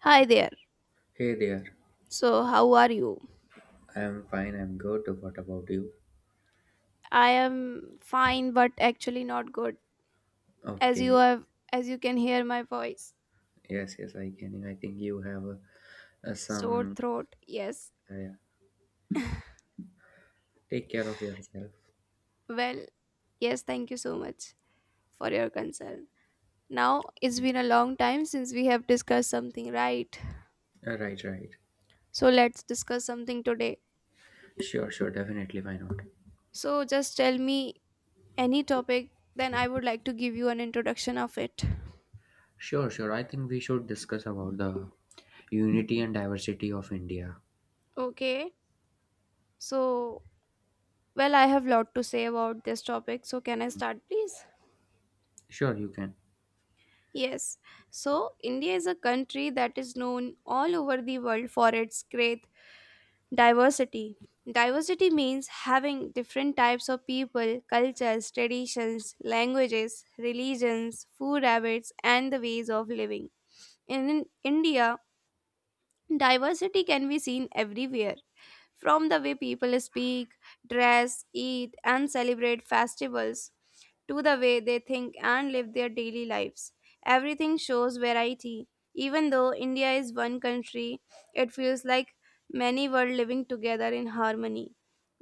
Hi there. Hey there. So, how are you? I am fine, I'm good. What about you? I am fine but actually not good. As you Okay, have as you can hear my voice. yes, yes, I can. I think you have Sore some. throat. Yes. Yeah. Take care of yourself. Well, yes, thank you so much for your concern. Now, it's Yeah. been a long time since we have discussed something, right? Right, right. So, let's discuss something today. Sure, sure, definitely. Why not? So, just tell me any topic then I would like to give you an introduction of it. Sure, sure. I think we should discuss about the unity and diversity of India. Okay. So, well, I have lot to say about this topic. So, can I start please? Sure, you can. Yes, so India is a country that is known all over the world for its great diversity. Diversity means having different types of people, cultures, traditions, languages, religions, food habits, and the ways of living. And in India, diversity can be seen everywhere. From the way people speak, dress, eat, and celebrate festivals, to the way they think and live their daily lives. Everything shows variety. Even though India is one country, it feels like many were living together in harmony.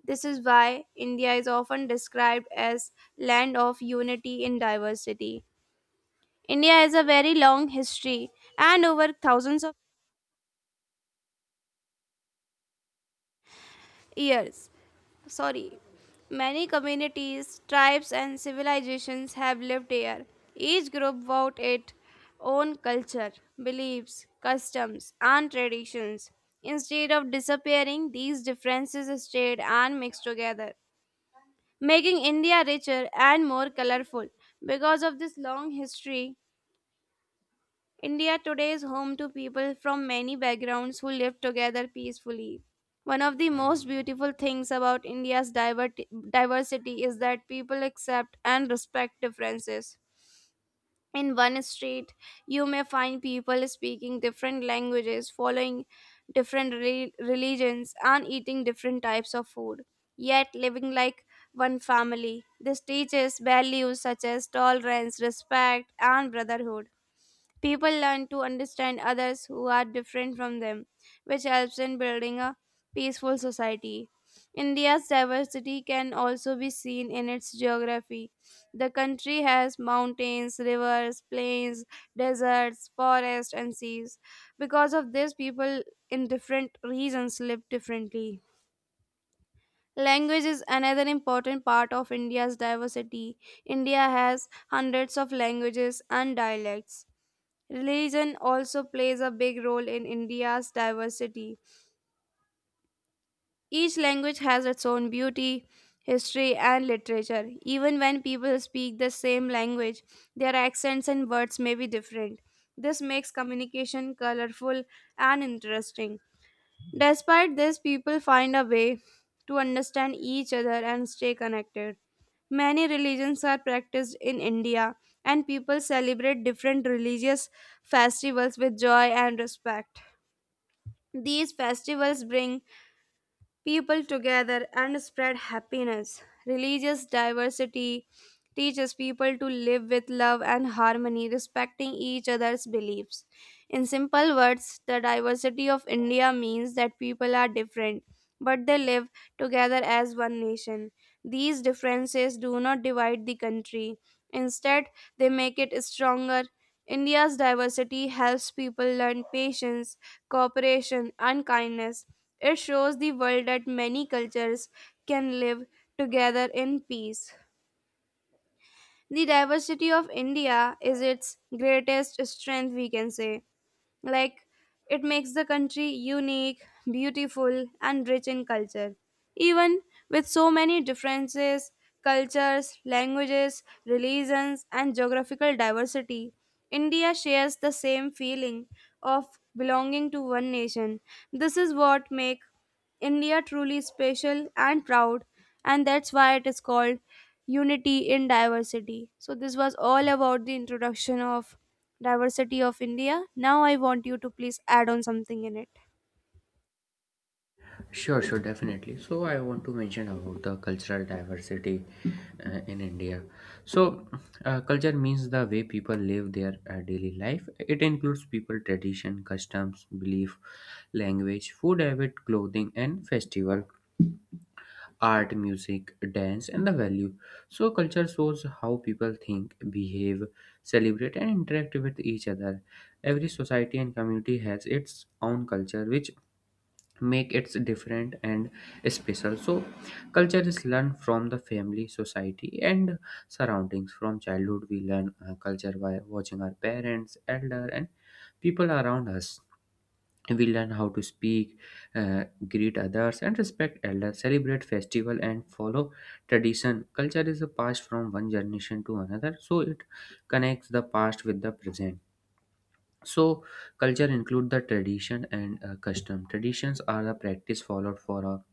This is why India is often described as land of unity in diversity. India has a very long history and over thousands of years, sorry, many communities, tribes, and civilizations have lived here, each group without its own culture, beliefs, customs, and traditions. Instead of disappearing, these differences stayed and mixed together, making India richer and more colorful. Because of this long history, India today is home to people from many backgrounds who live together peacefully. One of the most beautiful things about diversity is that people accept and respect differences. In one street, you may find people speaking different languages, following religions, and eating different types of food, yet living like one family. This teaches values such as tolerance, respect, and brotherhood. People learn to understand others who are different from them, which helps in building a peaceful society. India's diversity can also be seen in its geography. The country has mountains, rivers, plains, deserts, forests, and seas. Because of this, people in different regions live differently. Language is another important part of India's diversity. India has hundreds of languages and dialects. Religion also plays a big role in India's diversity. Each language has its own beauty, history, and literature. Even when people speak the same language, their accents and words may be different. This makes communication colorful and interesting. Despite this, people find a way to understand each other and stay connected. Many religions are practiced in India, and people celebrate different religious festivals with joy and respect. These festivals bring people together and spread happiness. Religious diversity teaches people to live with love and harmony, respecting each other's beliefs. In simple words, the diversity of India means that people are different, but they live together as one nation. These differences do not divide the country, instead, they make it stronger. India's diversity helps people learn patience, cooperation, and kindness. It shows the world that many cultures can live together in peace. The diversity of India is its greatest strength, we can say. Like, it makes the country unique, beautiful, and rich in culture. Even with so many differences, cultures, languages, religions, and geographical diversity, India shares the same feeling of belonging to one nation. This is what makes India truly special and proud, and that's why it is called unity in diversity. So this was all about the introduction of diversity of India. Now I want you to please add on something in it. Sure, sure, definitely. So I want to mention about the cultural diversity in India. So culture means the way people live their daily life. It includes people tradition, customs, belief, language, food habit, clothing, and festival, art, music, dance, and the value. So culture shows how people think, behave, celebrate, and interact with each other. Every society and community has its own culture, which make it different and special. So culture is learned from the family, society and surroundings. From childhood we learn culture by watching our parents, elder and people around us. We learn how to speak, greet others and respect elders, celebrate festival and follow tradition. Culture is passed from one generation to another, so it connects the past with the present. So culture include the tradition and custom. Traditions are the practice followed for a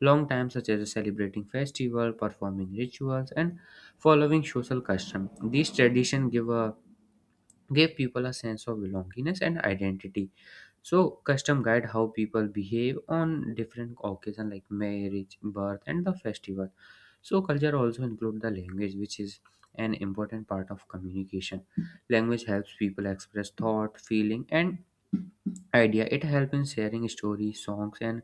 long time, such as celebrating festival, performing rituals and following social custom. These tradition give people a sense of belongingness and identity. So custom guide how people behave on different occasion like marriage, birth and the festival. So culture also include the language, which is an important part of communication. Language helps people express thought, feeling and idea. It helps in sharing stories, songs and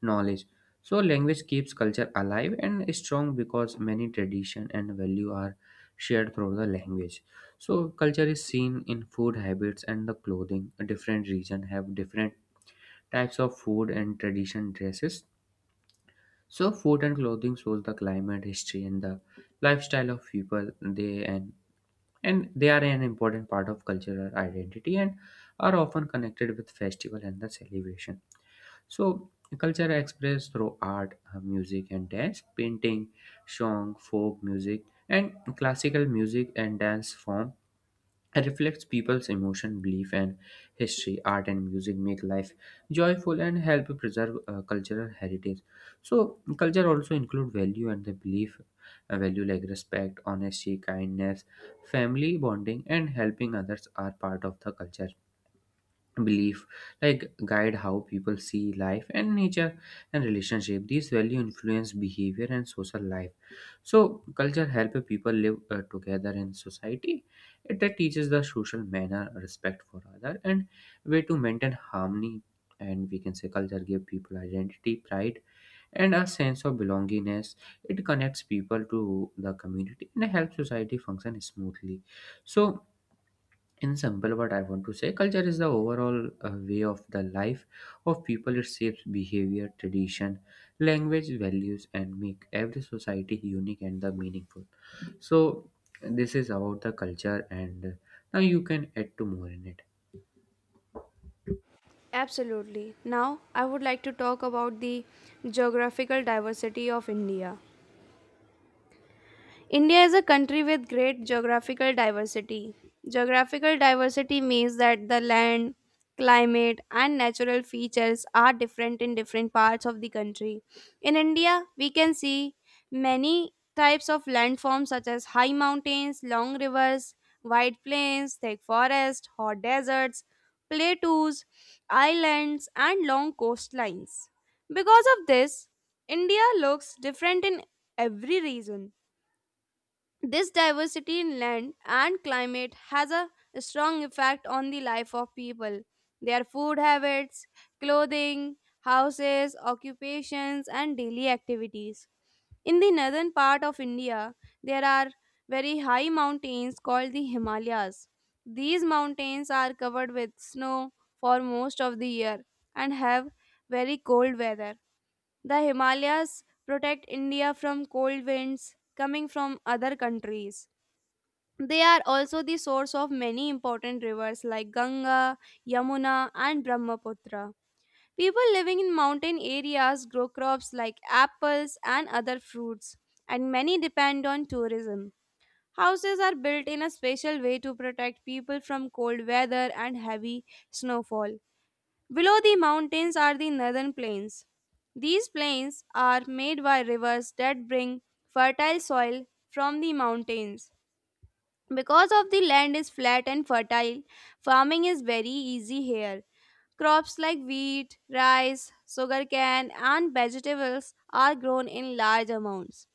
knowledge. So language keeps culture alive and strong because many tradition and value are shared through the language. So culture is seen in food habits and the clothing. Different region have different types of food and tradition dresses. So food and clothing shows the climate, history, and the lifestyle of people. They and they are an important part of cultural identity and are often connected with festival and the celebration. So, culture expressed through art, music, and dance, painting, song, folk music, and classical music and dance form reflects people's emotion, belief, and history. Art and music make life joyful and help preserve cultural heritage. So, culture also include value and the belief, value like respect, honesty, kindness, family bonding, and helping others are part of the culture. Belief like guide how people see life and nature and relationship. These value influence behavior and social life. So culture help people live together in society. It that teaches the social manner, respect for other and way to maintain harmony. And we can say culture give people identity, pride and a sense of belongingness. It connects people to the community and helps society function smoothly. So in simple, what I want to say, culture is the overall way of the life of people. It shapes behavior, tradition, language, values and make every society unique and the meaningful. So this is about the culture, and now you can add to more in it. Absolutely. Now I would like to talk about the geographical diversity of India. India is a country with great geographical diversity. Geographical diversity means that the land, climate, and natural features are different in different parts of the country. In India, we can see many types of landforms such as high mountains, long rivers, wide plains, thick forests, hot deserts, plateaus, islands, and long coastlines. Because of this, India looks different in every region. This diversity in land and climate has a strong effect on the life of people. Their food habits, clothing, houses, occupations, and daily activities. In the northern part of India, there are very high mountains called the Himalayas. These mountains are covered with snow for most of the year and have very cold weather. The Himalayas protect India from cold winds, coming from other countries. They are also the source of many important rivers like Ganga, Yamuna, and Brahmaputra. People living in mountain areas grow crops like apples and other fruits, and many depend on tourism. Houses are built in a special way to protect people from cold weather and heavy snowfall. Below the mountains are the northern plains. These plains are made by rivers that bring fertile soil from the mountains. Because of the land is flat and fertile, farming is very easy here. Crops like wheat, rice, sugarcane, and vegetables are grown in large amounts.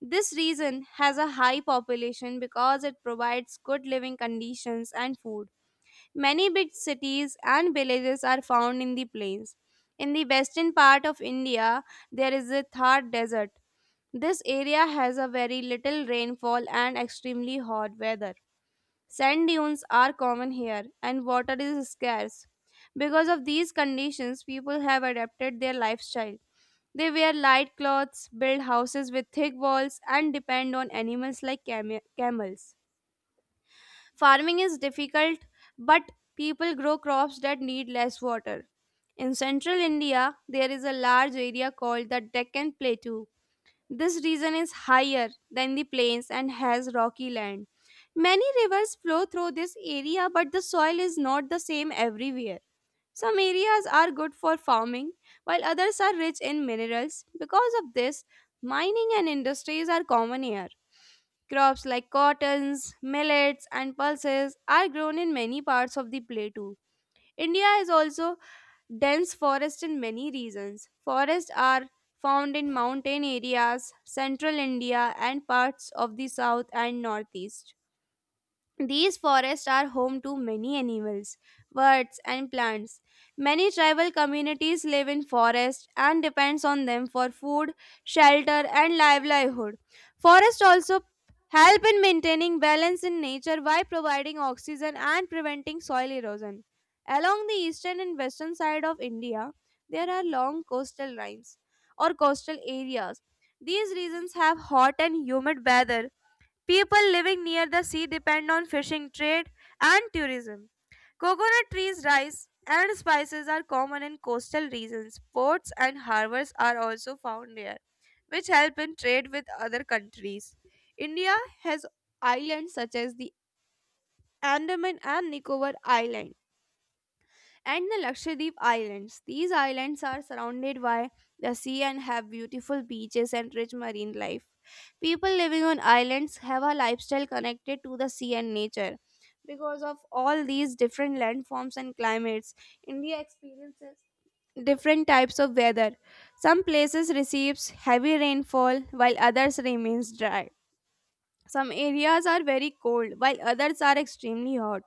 This region has a high population because it provides good living conditions and food. Many big cities and villages are found in the plains. In the western part of India, there is a Thar desert. This area has a very little rainfall and extremely hot weather. Sand dunes are common here, and water is scarce. Because of these conditions, people have adapted their lifestyle. They wear light clothes, build houses with thick walls, and depend on animals like camels. Farming is difficult, but people grow crops that need less water. In central India, there is a large area called the Deccan Plateau. This region is higher than the plains and has rocky land. Many rivers flow through this area, but the soil is not the same everywhere. Some areas are good for farming, while others are rich in minerals. Because of this, mining and industries are common here. Crops like cottons, millets, and pulses are grown in many parts of the plateau. India is also dense forest in many regions. Forests are found in mountain areas, central India, and parts of the south and northeast. These forests are home to many animals, birds, and plants. Many tribal communities live in forests and depends on them for food, shelter, and livelihood. Forests also help in maintaining balance in nature by providing oxygen and preventing soil erosion. Along the eastern and western side of India, there are long coastal lines or coastal areas. These regions have hot and humid weather. People living near the sea depend on fishing trade and tourism. Coconut trees, rice, and spices are common in coastal regions. Ports and harbors are also found here, which help in trade with other countries. India has islands such as the Andaman and Nicobar Islands and the Lakshadweep Islands. These islands are surrounded by the sea and have beautiful beaches and rich marine life. People living on islands have a lifestyle connected to the sea and nature. Because of all these different landforms and climates, India experiences different types of weather. Some places receives heavy rainfall while others remains dry. Some areas are very cold while others are extremely hot.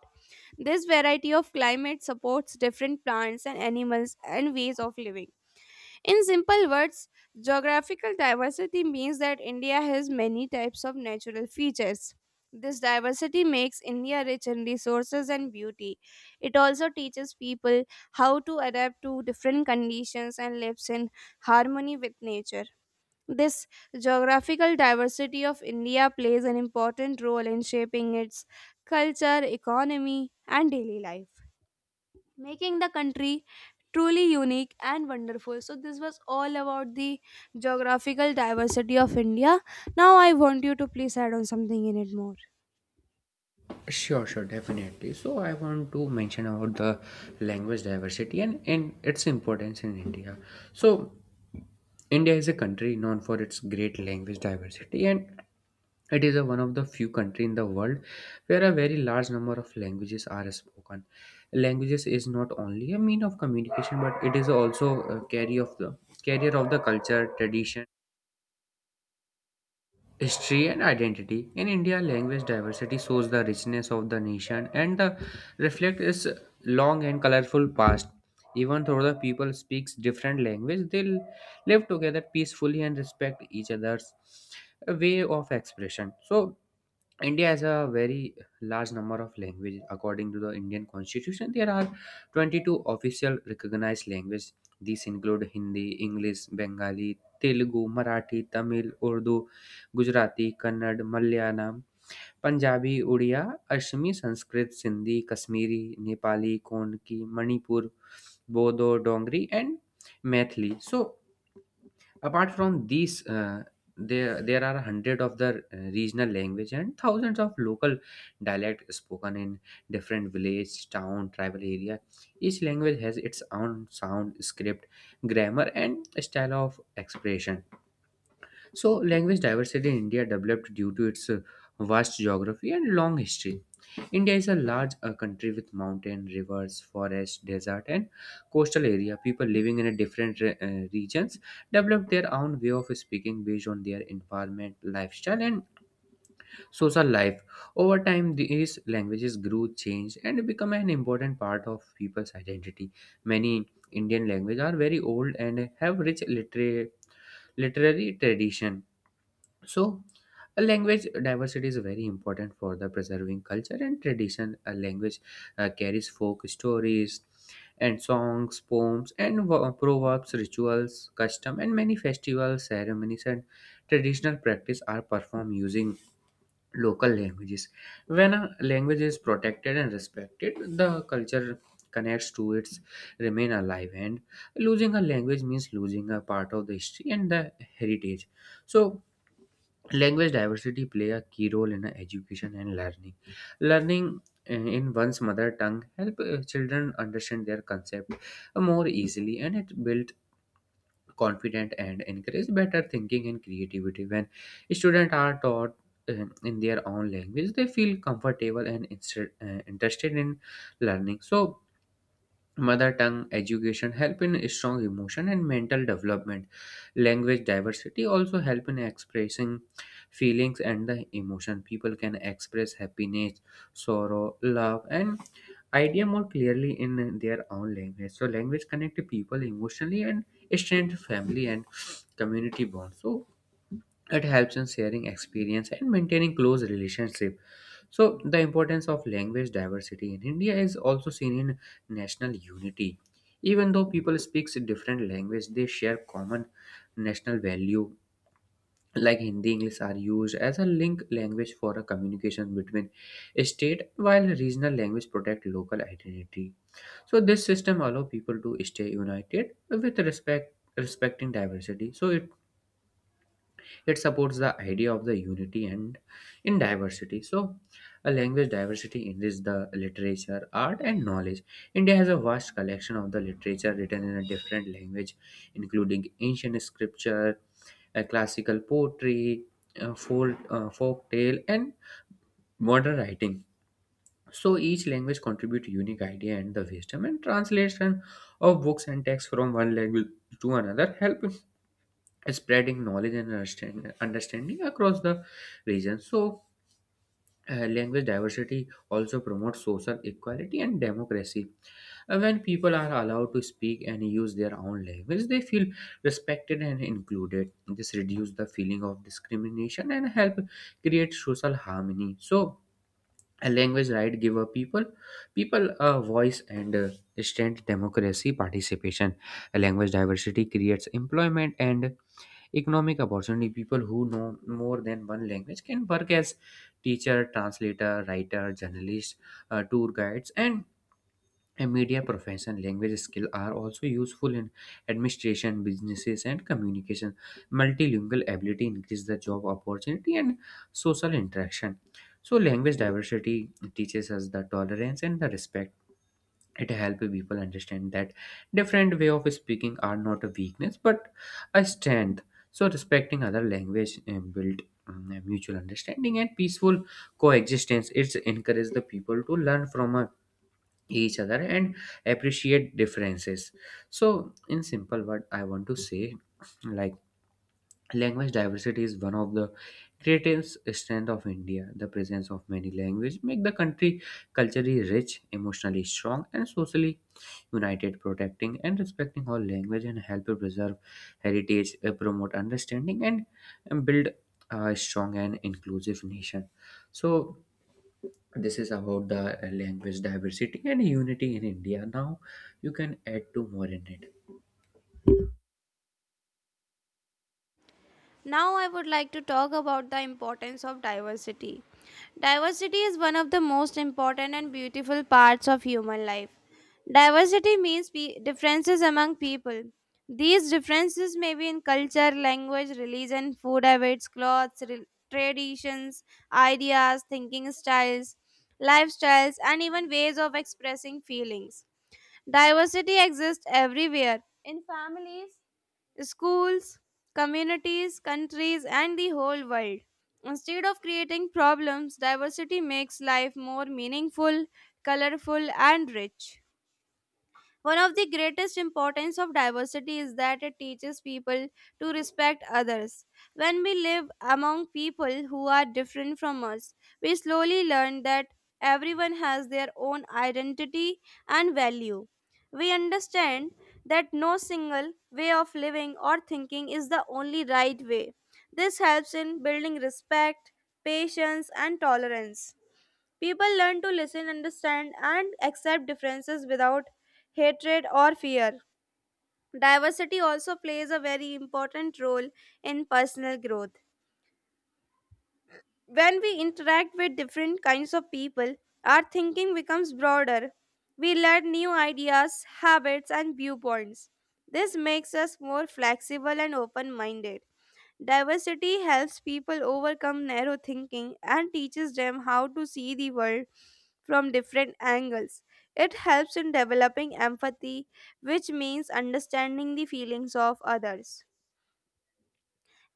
This variety of climate supports different plants and animals and ways of living. In simple words, geographical diversity means that India has many types of natural features. This diversity makes India rich in resources and beauty. It also teaches people how to adapt to different conditions and lives in harmony with nature. This geographical diversity of India plays an important role in shaping its culture, economy, and daily life making the country truly unique and wonderful. So, this was all about the geographical diversity of India. Now, I want you to please add on something in it more. Sure, sure, definitely. So I want to mention about the language diversity and its importance in India. So India is a country known for its great language diversity, and it is one of the few country in the world where a very large number of languages are spoken. Languages is not only a mean of communication, but it is also a carrier of the culture, tradition, history and identity. In India, language diversity shows the richness of the nation and the reflect its long and colorful past. Even though the people speaks different language, they live together peacefully and respect each other's way of expression. So India has a very large number of languages. According to the Indian Constitution, there are 22 official recognized languages. These include Hindi, English, Bengali, Telugu, Marathi, Tamil, Urdu, Gujarati, Kannad, Malayalam, Punjabi, Odia, Ashmi, Sanskrit, Sindhi, Kashmiri, Nepali, Konki, Manipur, Bodo, Dongri, and Maithili. So, apart from these, there are hundred of the regional language and thousands of local dialect spoken in different village, town, tribal area. Each language has its own sound, script, grammar and style of expression. So language diversity in india developed due to its vast geography and long history. India is a large country with mountain, rivers, forest, desert, and coastal area. People living in a different regions develop their own way of speaking based on their environment, lifestyle, and social life. Over time, these languages grew, changed, and become an important part of people's identity. Many Indian languages are very old and have rich literary tradition. So, a language diversity is very important for the preserving culture and tradition. A language carries folk stories and songs, poems, and proverbs, rituals, custom, and many festivals, ceremonies, and traditional practice are performed using local languages. When a language is protected and respected, the culture connects to its remain alive, and losing a language means losing a part of the history and the heritage. So language diversity play a key role in education and learning. Learning in one's mother tongue help children understand their concept, more easily, and it build confidence and encourage better thinking and creativity. When students are taught in their own language, they feel comfortable and interested in learning. So mother tongue education help in strong emotion and mental development. Language diversity also help in expressing feelings and the emotion. People can express happiness, sorrow, love and idea more clearly in their own language. So language connect people emotionally and strengthen family and community bonds. So it helps in sharing experience and maintaining close relationship. So, the importance of language diversity in India is also seen in national unity. Even though people speak different language, they share common national value like Hindi, English are used as a link language for a communication between a state, while regional language protect local identity. So this system allow people to stay united with respecting diversity. So it supports the idea of the unity and in diversity. So a language diversity enriches the literature, art and knowledge. India has a vast collection of the literature written in a different language, including ancient scripture, classical poetry, folk tale and modern writing. So each language contributes unique idea and the wisdom, and translation of books and texts from one language to another help spreading knowledge and understanding across the region. So, language diversity also promotes social equality and democracy. When people are allowed to speak and use their own language, they feel respected and included. This reduces the feeling of discrimination and help create social harmony. So, a language right give a people a voice and strength democracy participation. A language diversity creates employment and economic opportunity. People who know more than one language can work as teacher, translator, writer, journalist, tour guides, and a media profession. Language skill are also useful in administration, businesses, and communication. Multilingual ability increase the job opportunity and social interaction. So, language diversity teaches us the tolerance and the respect. It helps people understand that different way of speaking are not a weakness but a strength. So respecting other language build a mutual understanding and peaceful coexistence. It's encourage the people to learn from each other and appreciate differences. So in simple word I want to say, like, language diversity is one of the greatest strength of India. The presence of many language make the country culturally rich, emotionally strong and socially united. Protecting and respecting all language and help preserve heritage, promote understanding, and build a strong and inclusive nation. So this is about the language diversity and unity in India. Now you can add two more in it. Now, I would like to talk about the importance of diversity. Diversity is one of the most important and beautiful parts of human life. Diversity means differences among people. These differences may be in culture, language, religion, food habits, clothes, traditions, ideas, thinking styles, lifestyles, and even ways of expressing feelings. Diversity exists everywhere in families, schools, communities, countries, and the whole world. Instead of creating problems, diversity makes life more meaningful, colorful, and rich. One of the greatest importance of diversity is that it teaches people to respect others. When we live among people who are different from us, we slowly learn that everyone has their own identity and value. We understand that no single way of living or thinking is the only right way. This helps in building respect, patience, and tolerance. People learn to listen, understand, and accept differences without hatred or fear. Diversity also plays a very important role in personal growth. When we interact with different kinds of people, our thinking becomes broader. We learn new ideas, habits, and viewpoints. This makes us more flexible and open minded. Diversity helps people overcome narrow thinking and teaches them how to see the world from different angles. It helps in developing empathy, which means understanding the feelings of others.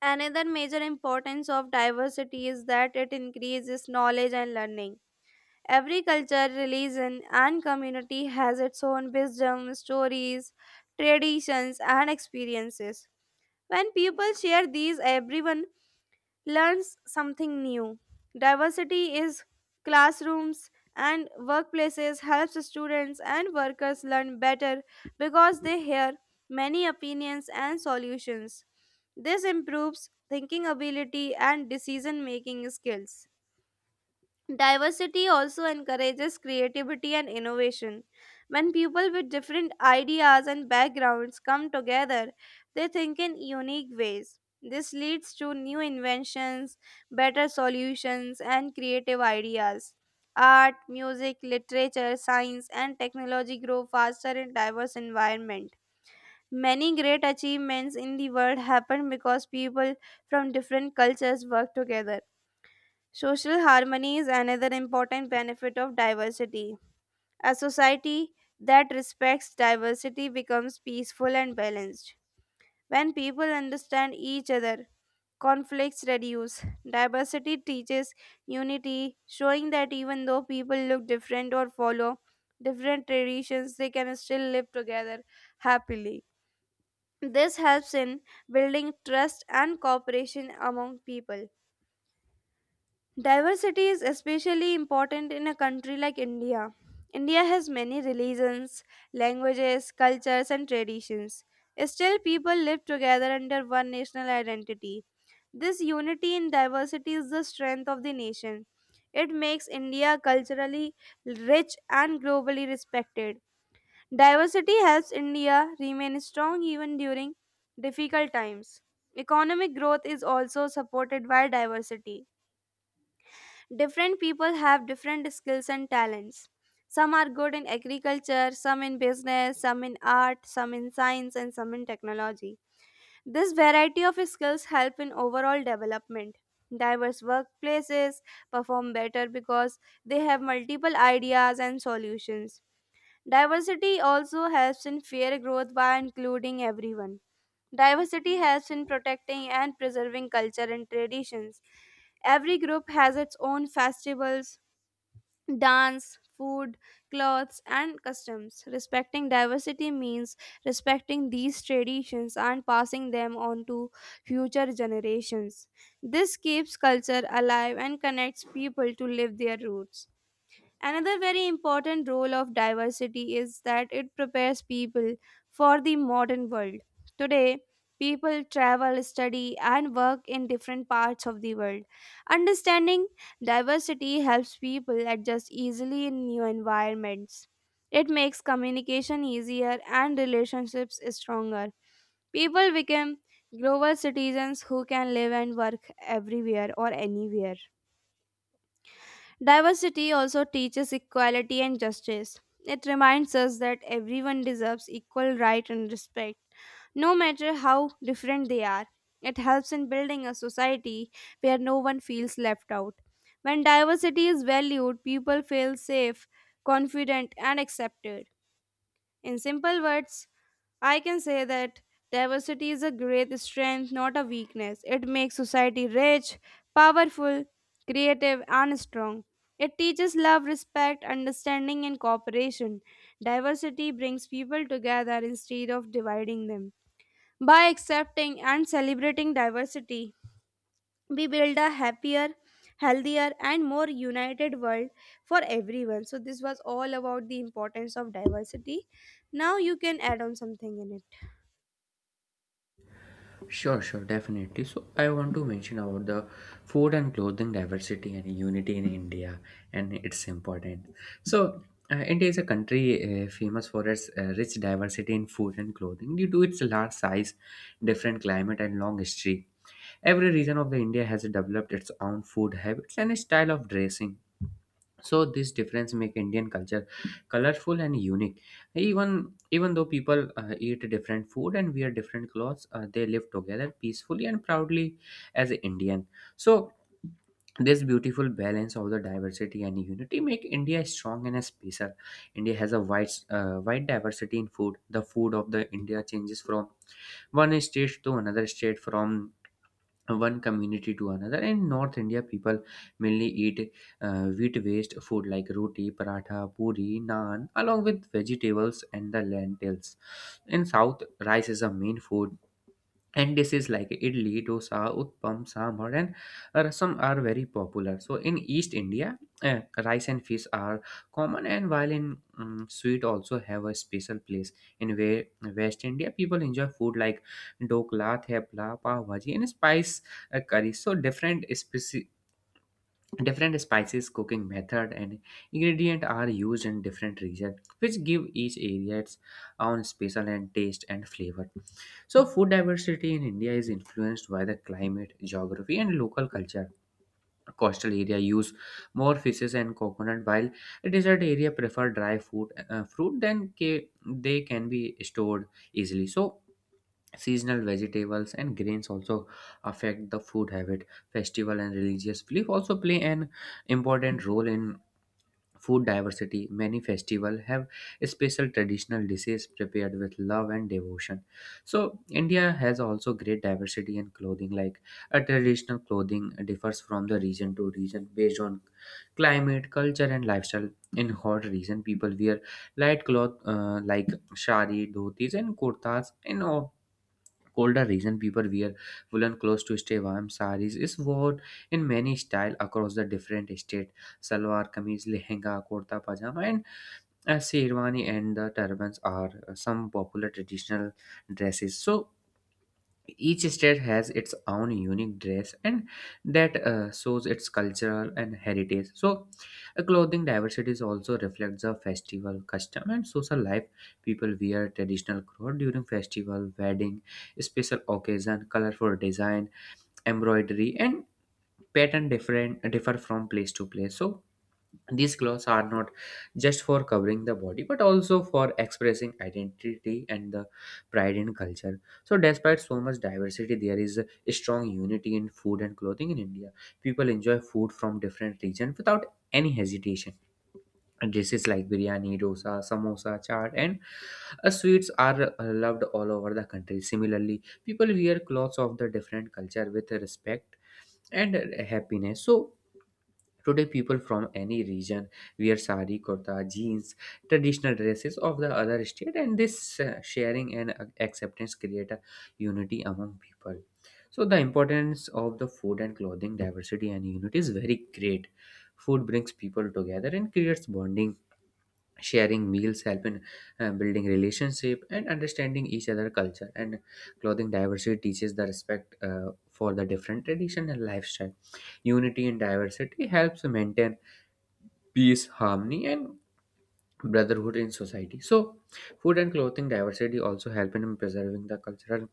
Another major importance of diversity is that it increases knowledge and learning. Every culture, religion, and community has its own wisdom, stories, traditions, and experiences. When people share these, everyone learns something new. Diversity is classrooms and workplaces helps students and workers learn better because they hear many opinions and solutions. This improves thinking ability and decision making skills. Diversity also encourages creativity and innovation. When people with different ideas and backgrounds come together, they think in unique ways. This leads to new inventions, better solutions, and creative ideas. Art, music, literature, science, and technology grow faster in diverse environment. Many great achievements in the world happen because people from different cultures work together. Social harmony is another important benefit of diversity. A society that respects diversity becomes peaceful and balanced. When people understand each other, conflicts reduce. Diversity teaches unity, showing that even though people look different or follow different traditions, they can still live together happily. This helps in building trust and cooperation among people. Diversity is especially important in a country like India. India has many religions, languages, cultures, and traditions. Still, people live together under one national identity. This unity in diversity is the strength of the nation. It makes India culturally rich and globally respected. Diversity helps India remain strong even during difficult times. Economic growth is also supported by diversity. Different people have different skills and talents. Some are good in agriculture, some in business, some in art, some in science, and some in technology. This variety of skills help in overall development. Diverse workplaces perform better because they have multiple ideas and solutions. Diversity also helps in fair growth by including everyone. Diversity helps in protecting and preserving culture and traditions. Every group has its own festivals, dance, food, clothes, and customs. Respecting diversity means respecting these traditions and passing them on to future generations. This keeps culture alive and connects people to live their roots. Another very important role of diversity is that it prepares people for the modern world. Today, people travel, study, and work in different parts of the world. Understanding diversity helps people adjust easily in new environments. It makes communication easier and relationships stronger. People become global citizens who can live and work everywhere or anywhere. Diversity also teaches equality and justice. It reminds us that everyone deserves equal right and respect, no matter how different they are. It helps in building a society where no one feels left out. When diversity is valued, people feel safe, confident, and accepted. In simple words, I can say that diversity is a great strength, not a weakness. It makes society rich, powerful, creative, and strong. It teaches love, respect, understanding, and cooperation. Diversity brings people together instead of dividing them. By accepting and celebrating diversity, we build a happier healthier and more united world for everyone. So this was all about the importance of diversity. Now you can add on something in it. Sure, sure, definitely. So I want to mention about the food and clothing diversity and unity in India, and it's important. So India is a country famous for its rich diversity in food and clothing due to its large size, different climate, and long history. Every region of the India has developed its own food habits and style of dressing, so this difference make indian culture colorful and unique. Even though people eat different food and wear different clothes, they live together peacefully and proudly as a indian. So this beautiful balance of the diversity and unity make india strong and special. India has a wide diversity in food. The food of the india changes from one state to another state, from one community to another. In north india people mainly eat wheat based food like roti, paratha, puri, naan along with vegetables and the lentils. In south, rice is a main food, and dishes like idli, dosa, utpam, sambar and rasam are very popular. So in east india, uh, rice and fish are common, and while in sweet also have a special place in west india, people enjoy food like dokla, thepla, pav bhaji and spice curry. So different spices, cooking method and ingredient are used in different region, which give each area its own special and taste and flavor. So, food diversity in India is influenced by the climate, geography, and local culture. Coastal area use more fishes and coconut, while desert area prefer dry food, fruit. They can be stored easily. So, seasonal vegetables and grains also affect the food habit. Festival and religious belief also play an important role in food diversity. Many festivals have special traditional dishes prepared with love and devotion. So india has also great diversity in clothing, like a traditional clothing differs from the region to region based on climate, culture and lifestyle. In hot region people wear light cloth, like shari, dhotis and kurtas. In colder region people wear woolen clothes to stay warm. Saris is worn in many style across the different state. Salwar, kameez, lehenga, kurta, pajama, and sherwani and the turbans are some popular traditional dresses. So each state has its own unique dress, and that shows its cultural and heritage. So, clothing diversity also reflects the festival custom and social life. People wear traditional clothes during festival, wedding, special occasion. Colorful design, embroidery, and pattern differ from place to place. So, these clothes are not just for covering the body but also for expressing identity and the pride in culture. So, despite so much diversity, there is a strong unity in food and clothing in India. People enjoy food from different regions without any hesitation. And dishes like biryani, dosa, samosa, chaat, and sweets are loved all over the country. Similarly, people wear clothes of the different culture with respect and happiness. So, today, people from any region wear sari, kurta, jeans, traditional dresses of the other state, and this sharing and acceptance create a unity among people. So, the importance of the food and clothing diversity and unity is very great. Food brings people together and creates bonding. Sharing meals help in building relationship and understanding each other culture. And clothing diversity teaches the respect for the different tradition and lifestyle. Unity in diversity helps maintain peace, harmony, and brotherhood in society. So, food and clothing diversity also help in preserving the cultural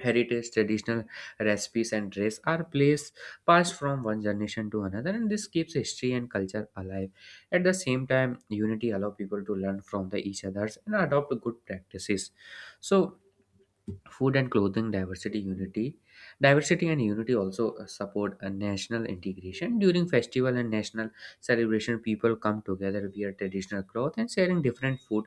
heritage. Traditional recipes and dress are placed passed from one generation to another, and this keeps history and culture alive. At the same time, unity allow people to learn from the each others and adopt good practices. So food and clothing diversity unity diversity and unity also support a national integration. During festival and national celebration, people come together, wear traditional cloth and sharing different food.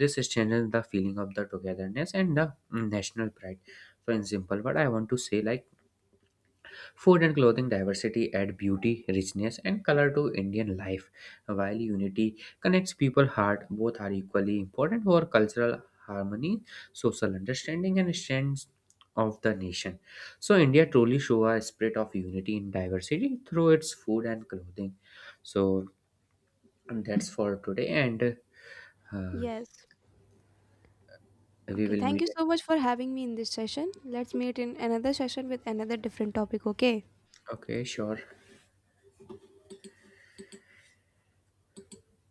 This strengthens the feeling of the togetherness and the national pride. So in simple word I want to say like food and clothing diversity add beauty, richness, and color to Indian life, while unity connects people heart. Both are equally important for cultural harmony, social understanding, and strength of the nation. So India truly show a spirit of unity in diversity through its food and clothing. So that's for today, and uh, Yes. we Okay. will Thank you meet. so much for having me in this session. Let's meet in another session with another different topic. Okay. Okay, sure.